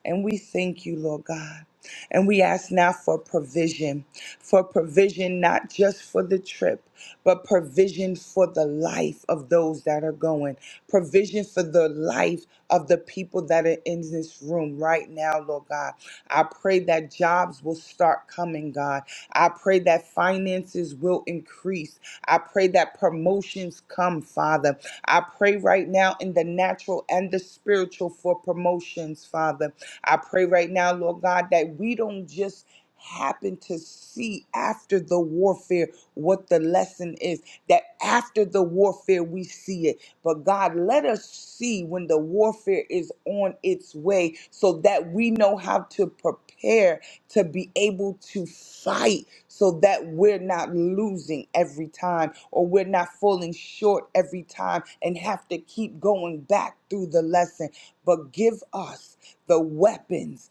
B: And we thank you, Lord God. And we ask now for provision, for provision not just for the trip, but provision for the life of those that are going, provision for the life of the people that are in this room right now, Lord God. I pray that jobs will start coming, God. I pray that finances will increase. I pray that promotions come, Father. I pray right now in the natural and the spiritual for promotions, Father. I pray right right now, Lord God, that we don't just happen to see after the warfare what the lesson is, that after the warfare we see it. But God, let us see when the warfare is on its way so that we know how to prepare to be able to fight so that we're not losing every time or we're not falling short every time and have to keep going back through the lesson. But give us the weapons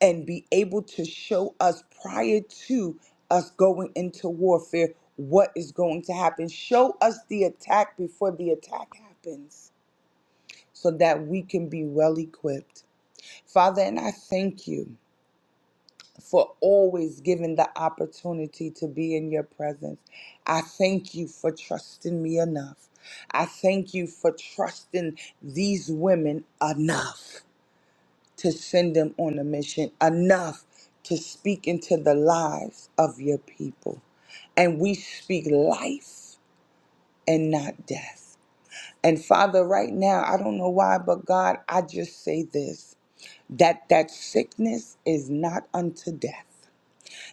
B: and be able to show us prior to us going into warfare what is going to happen. Show us the attack before the attack happens so that we can be well equipped. Father, and I thank you for always giving the opportunity to be in your presence. I thank you for trusting me enough. I thank you for trusting these women enough to send them on a mission, enough to speak into the lives of your people. And we speak life and not death. And Father, right now, I don't know why, but God, I just say this that that sickness is not unto death.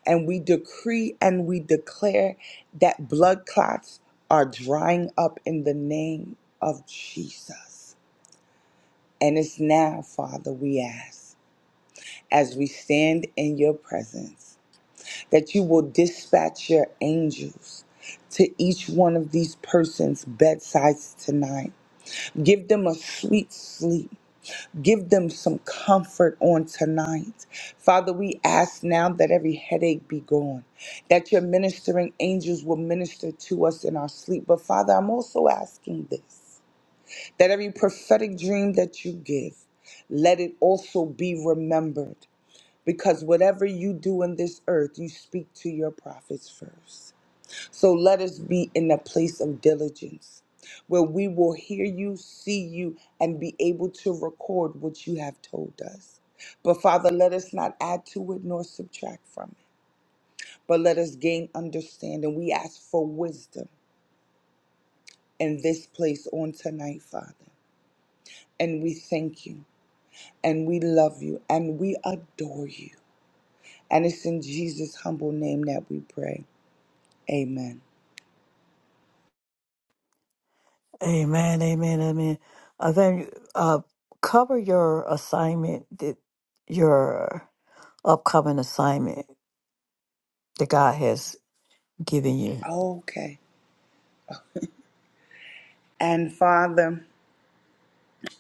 B: And we decree and we declare that blood clots are drying up in the name of Jesus. And it's now, Father, we ask. as we stand in your presence, that you will dispatch your angels to each one of these persons' bedsides tonight. Give them a sweet sleep. Give them some comfort on tonight. Father, we ask now that every headache be gone, that your ministering angels will minister to us in our sleep. But Father, I'm also asking this that every prophetic dream that you give, let it also be remembered because whatever you do in this earth, you speak to your prophets first. So let us be in a place of diligence where we will hear you, see you, and be able to record what you have told us. But Father, let us not add to it nor subtract from it, but let us gain understanding. We ask for wisdom in this place on tonight, Father. And we thank you, and we love you, and we adore you. And it's in Jesus' humble name that we pray. Amen.
A: Amen, amen, amen. Uh, then uh, cover your assignment, that your upcoming assignment that God has given you.
B: Okay. And Father,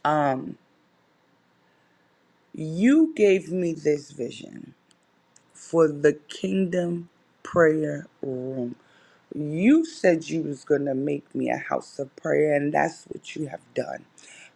B: um, you gave me this vision for the kingdom prayer room. You said you was going to make me a house of prayer, and that's what you have done.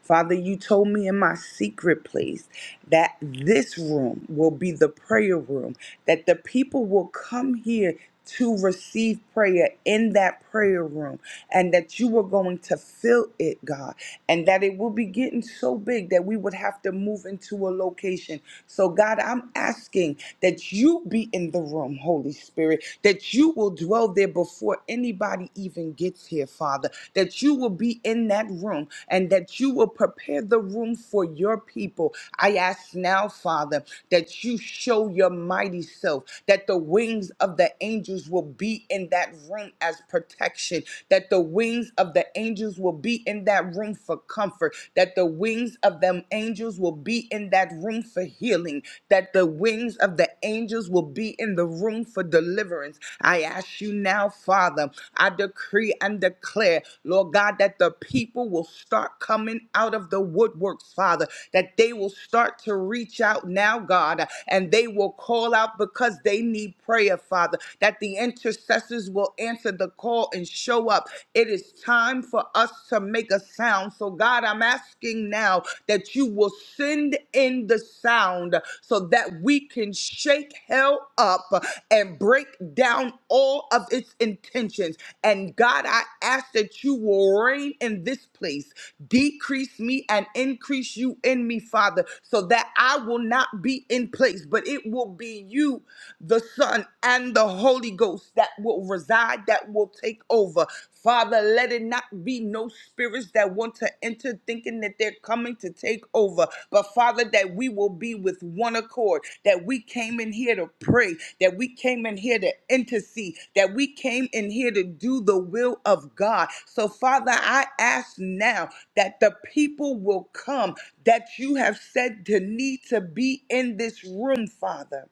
B: Father, you told me in my secret place that this room will be the prayer room, that the people will come here to receive prayer in that prayer room, and that you were going to fill it, God, and that it will be getting so big that we would have to move into a location. So, God, I'm asking asking that you be in the room, Holy Spirit, that you will dwell there before anybody even gets here, Father, that you will be in that room and that you will prepare the room for your people. I ask now, Father, that you show your mighty self, that the wings of the angels will be in that room as protection, that the wings of the angels will be in that room for comfort, that the wings of them angels will be in that room for healing, that the wings of the angels will be in the room for deliverance. I ask you now, Father, I decree and declare, Lord God, that the people will start coming out of the woodworks, Father, that they will start to reach out now, God, and they will call out because they need prayer, Father, that the intercessors will answer the call and show up. It is time for us to make a sound. So, God, I'm asking now that you will send in the sound so that we can shake hell up and break down all of its intentions. And, God, I ask that you will reign in this place. Decrease me and increase you in me, Father, so that I will not be in place, but it will be you the Son, and the Holy Ghost that will reside, that will take over. Father, let it not be no spirits that want to enter thinking that they're coming to take over, but Father, that we will be with one accord, that we came in here to pray, that we came in here to intercede, that we came in here to do the will of God. So, Father, I ask now that the people will come that you have said to need to be in this room, Father.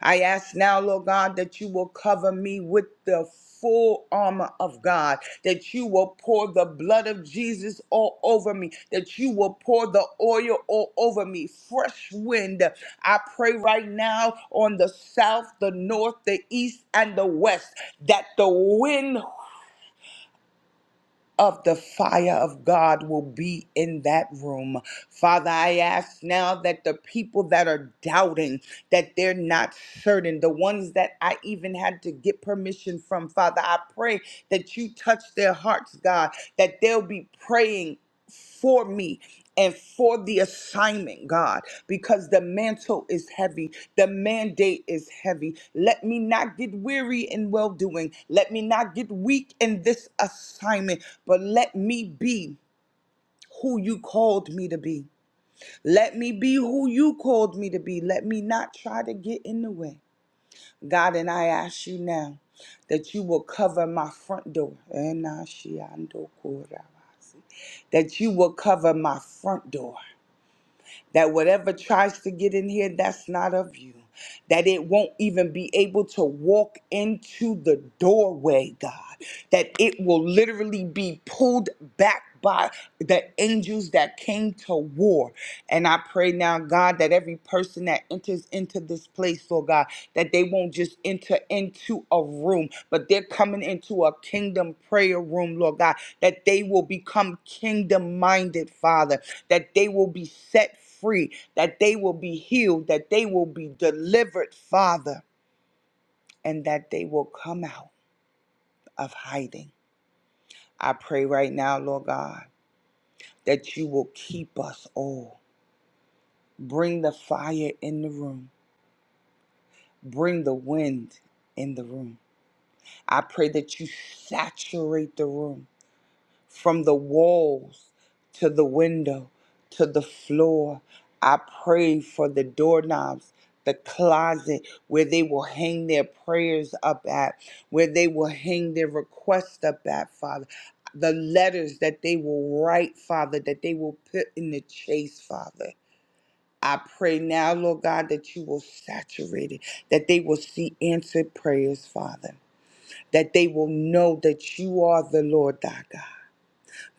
B: I ask now, Lord God, that you will cover me with the full armor of God, that you will pour the blood of Jesus all over me, that you will pour the oil all over me. Fresh wind. I pray right now on the south, the north, the east, and the west that the wind of the fire of God will be in that room. Father, I ask now that the people that are doubting, that they're not certain, the ones that I even had to get permission from, Father, I pray that you touch their hearts, God, that they'll be praying for me and for the assignment, God, because the mantle is heavy, the mandate is heavy. Let me not get weary in well doing, let me not get weak in this assignment, but let me be. Who you called me to be. Let me be who you called me to be. Let me not try to get in the way. God, and I ask you now that you will cover my front door. That you will cover my front door that whatever tries to get in here, that's not of you. That it won't even be able to walk into the doorway, God. That it will literally be pulled back by the angels that came to war. And I pray now, God, that every person that enters into this place, Lord God, that they won't just enter into a room, but they're coming into a kingdom prayer room, Lord God, that they will become kingdom minded, Father, that they will be set free, that they will be healed, that they will be delivered, Father, and that they will come out of hiding. I pray right now, Lord God, that you will keep us all. Bring the fire in the room, bring the wind in the room. I pray that you saturate the room from the walls to the window to the floor. I pray for the doorknobs, the closet where they will hang their prayers up at, where they will hang their requests up at, Father. The letters that they will write, Father, that they will put in the chase, Father. I pray now, Lord God, that you will saturate it, that they will see answered prayers, Father, that they will know that you are the Lord thy God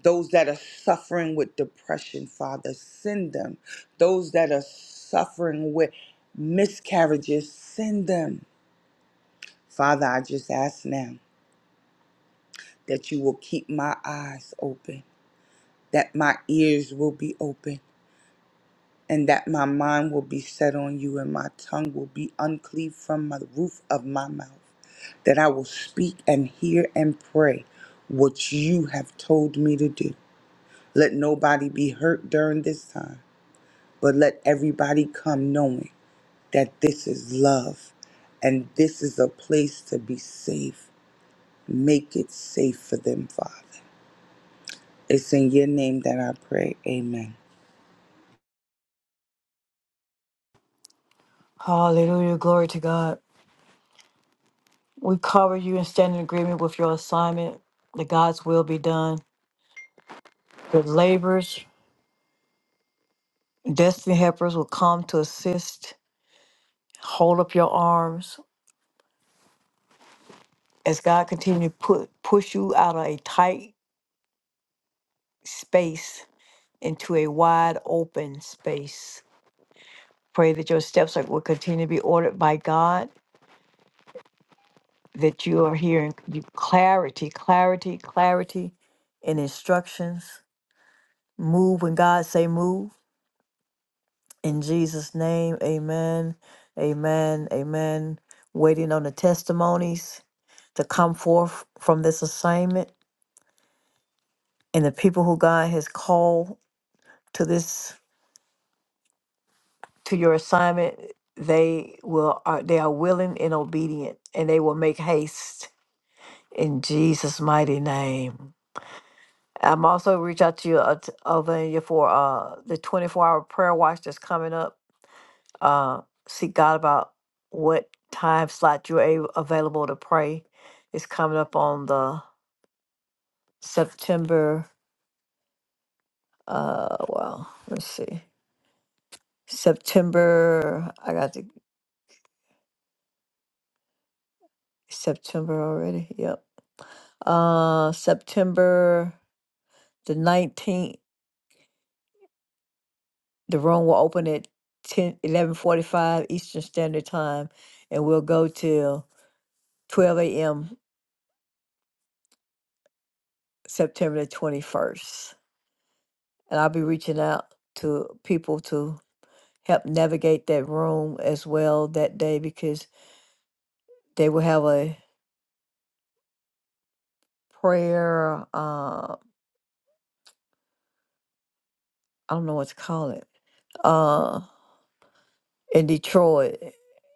B: those that are suffering with depression, Father, send them. Those that are suffering with miscarriages, send them. Father, I just ask now that you will keep my eyes open, that my ears will be open, and that my mind will be set on you, and my tongue will be uncleaved from the roof of my mouth, that I will speak and hear and pray what you have told me to do. Let nobody be hurt during this time. but let everybody come knowing that this is love and this is a place to be safe. Make it safe for them, Father. It's in your name that I pray. Amen.
A: Hallelujah, glory to God. We cover you and stand in agreement with your assignment that God's will be done The labors, destiny helpers will come to assist. Hold up your arms as God continue to put push you out of a tight space into a wide open space. Pray that your steps are- will continue to be ordered by God. That you are hearing you- clarity, clarity, clarity, and instructions. Move when God say move. In Jesus' name, Amen, Amen, Amen. Waiting on the testimonies to come forth from this assignment and the people who God has called to this to your assignment they will are they are willing and obedient and they will make haste in Jesus mighty name. I'm also reach out to you uh, t- over you for uh the 24 hour prayer watch that's coming up. Uh seek God about what time slot you're a- available to pray. It's coming up on the September uh well, let's see. September. I got the September already. Yep. Uh, September the nineteenth. The room will open at ten eleven forty five Eastern Standard Time, and we'll go till twelve a.m. September the twenty-first. And I'll be reaching out to people to help navigate that room as well that day because they will have a prayer. Uh, I don't know what to call it. uh, in Detroit.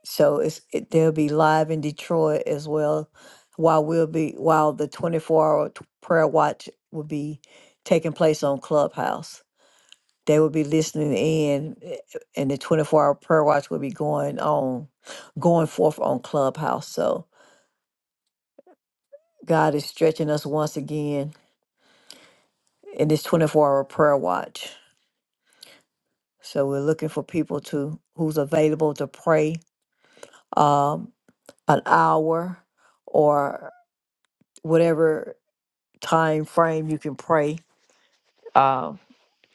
A: So it's it, they'll be live in Detroit as well, while we'll be while the twenty four hour t- prayer watch will be taking place on Clubhouse. They will be listening in, eh, and the twenty four hour prayer watch will be going on, going forth on Clubhouse. So God is stretching us once again in this twenty four hour prayer watch. So we're looking for people to who's available to pray um, an hour or whatever time frame you can pray, uh,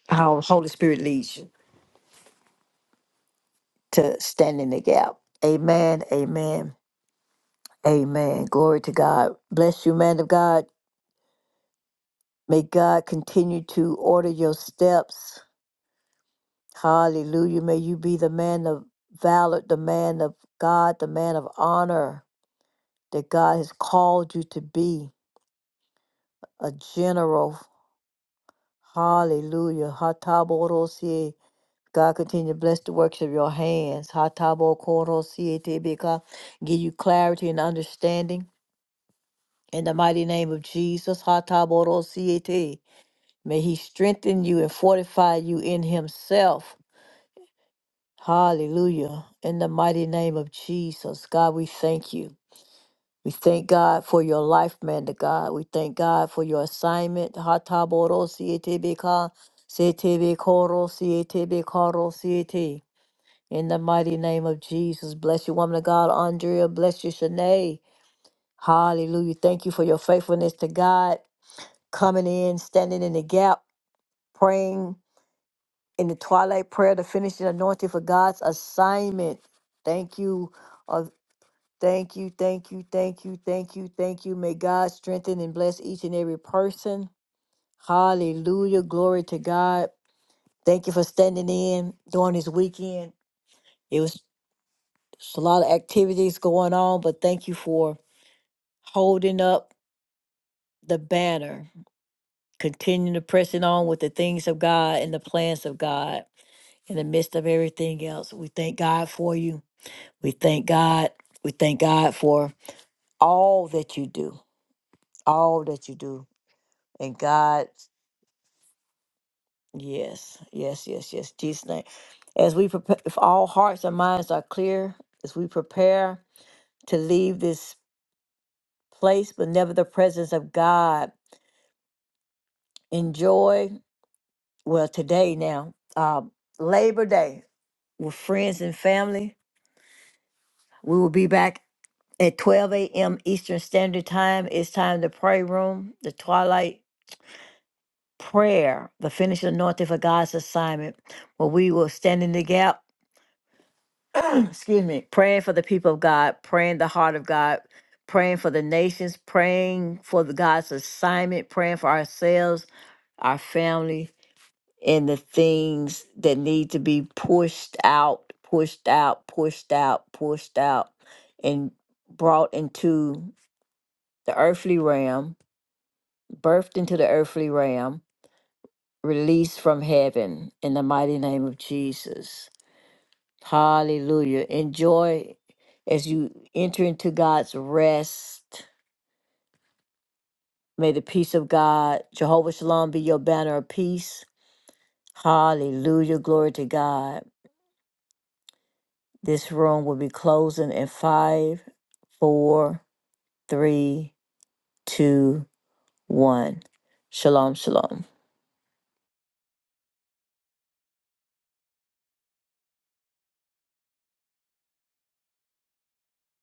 A: how Holy Spirit leads you to stand in the gap. Amen. Amen. Amen. Glory to God. Bless you, man of God. May God continue to order your steps. Hallelujah. May you be the man of valor, the man of God, the man of honor that God has called you to be a general. Hallelujah. God continue to bless the works of your hands. Hatabo koro siete beka. Give you clarity and understanding. In the mighty name of Jesus, Hataboro siete. May he strengthen you and fortify you in himself. Hallelujah. In the mighty name of Jesus, God, we thank you. We thank God for your life, man to God. We thank God for your assignment. Hataboro siete beka. Siete bekoro siete bekoro siete. In the mighty name of Jesus, bless you, woman of God, Andrea. Bless you, Shanae. Hallelujah. Thank you for your faithfulness to God, coming in, standing in the gap, praying in the twilight prayer, the finishing anointing for God's assignment. Thank you. Uh, thank you. Thank you. Thank you. Thank you. Thank you. May God strengthen and bless each and every person. Hallelujah. Glory to God. Thank you for standing in during this weekend. It was. It's a lot of activities going on, but thank you for holding up the banner, continuing to press it on with the things of God and the plans of God in the midst of everything else. We thank God for you. We thank God. We thank God for all that you do, all that you do. And God, yes, yes, yes, yes. Jesus' name. As we prepare, if all hearts and minds are clear, as we prepare to leave this place, but never the presence of God. enjoy well today now um, labor day with friends and family we will be back at 12 a.m eastern standard time it's time to pray room the twilight prayer the finished anointing for god's assignment where we will stand in the gap [clears throat] excuse me praying for the people of god praying the heart of god praying for the nations praying for the god's assignment praying for ourselves our family and the things that need to be pushed out, pushed out, pushed out, pushed out, and brought into the earthly realm, birthed into the earthly realm, released from heaven in the mighty name of Jesus. Hallelujah. Enjoy as you enter into God's rest. May the peace of God, Jehovah Shalom, be your banner of peace. Hallelujah. Glory to God. This room will be closing in five, four, three, two, one. Shalom, shalom.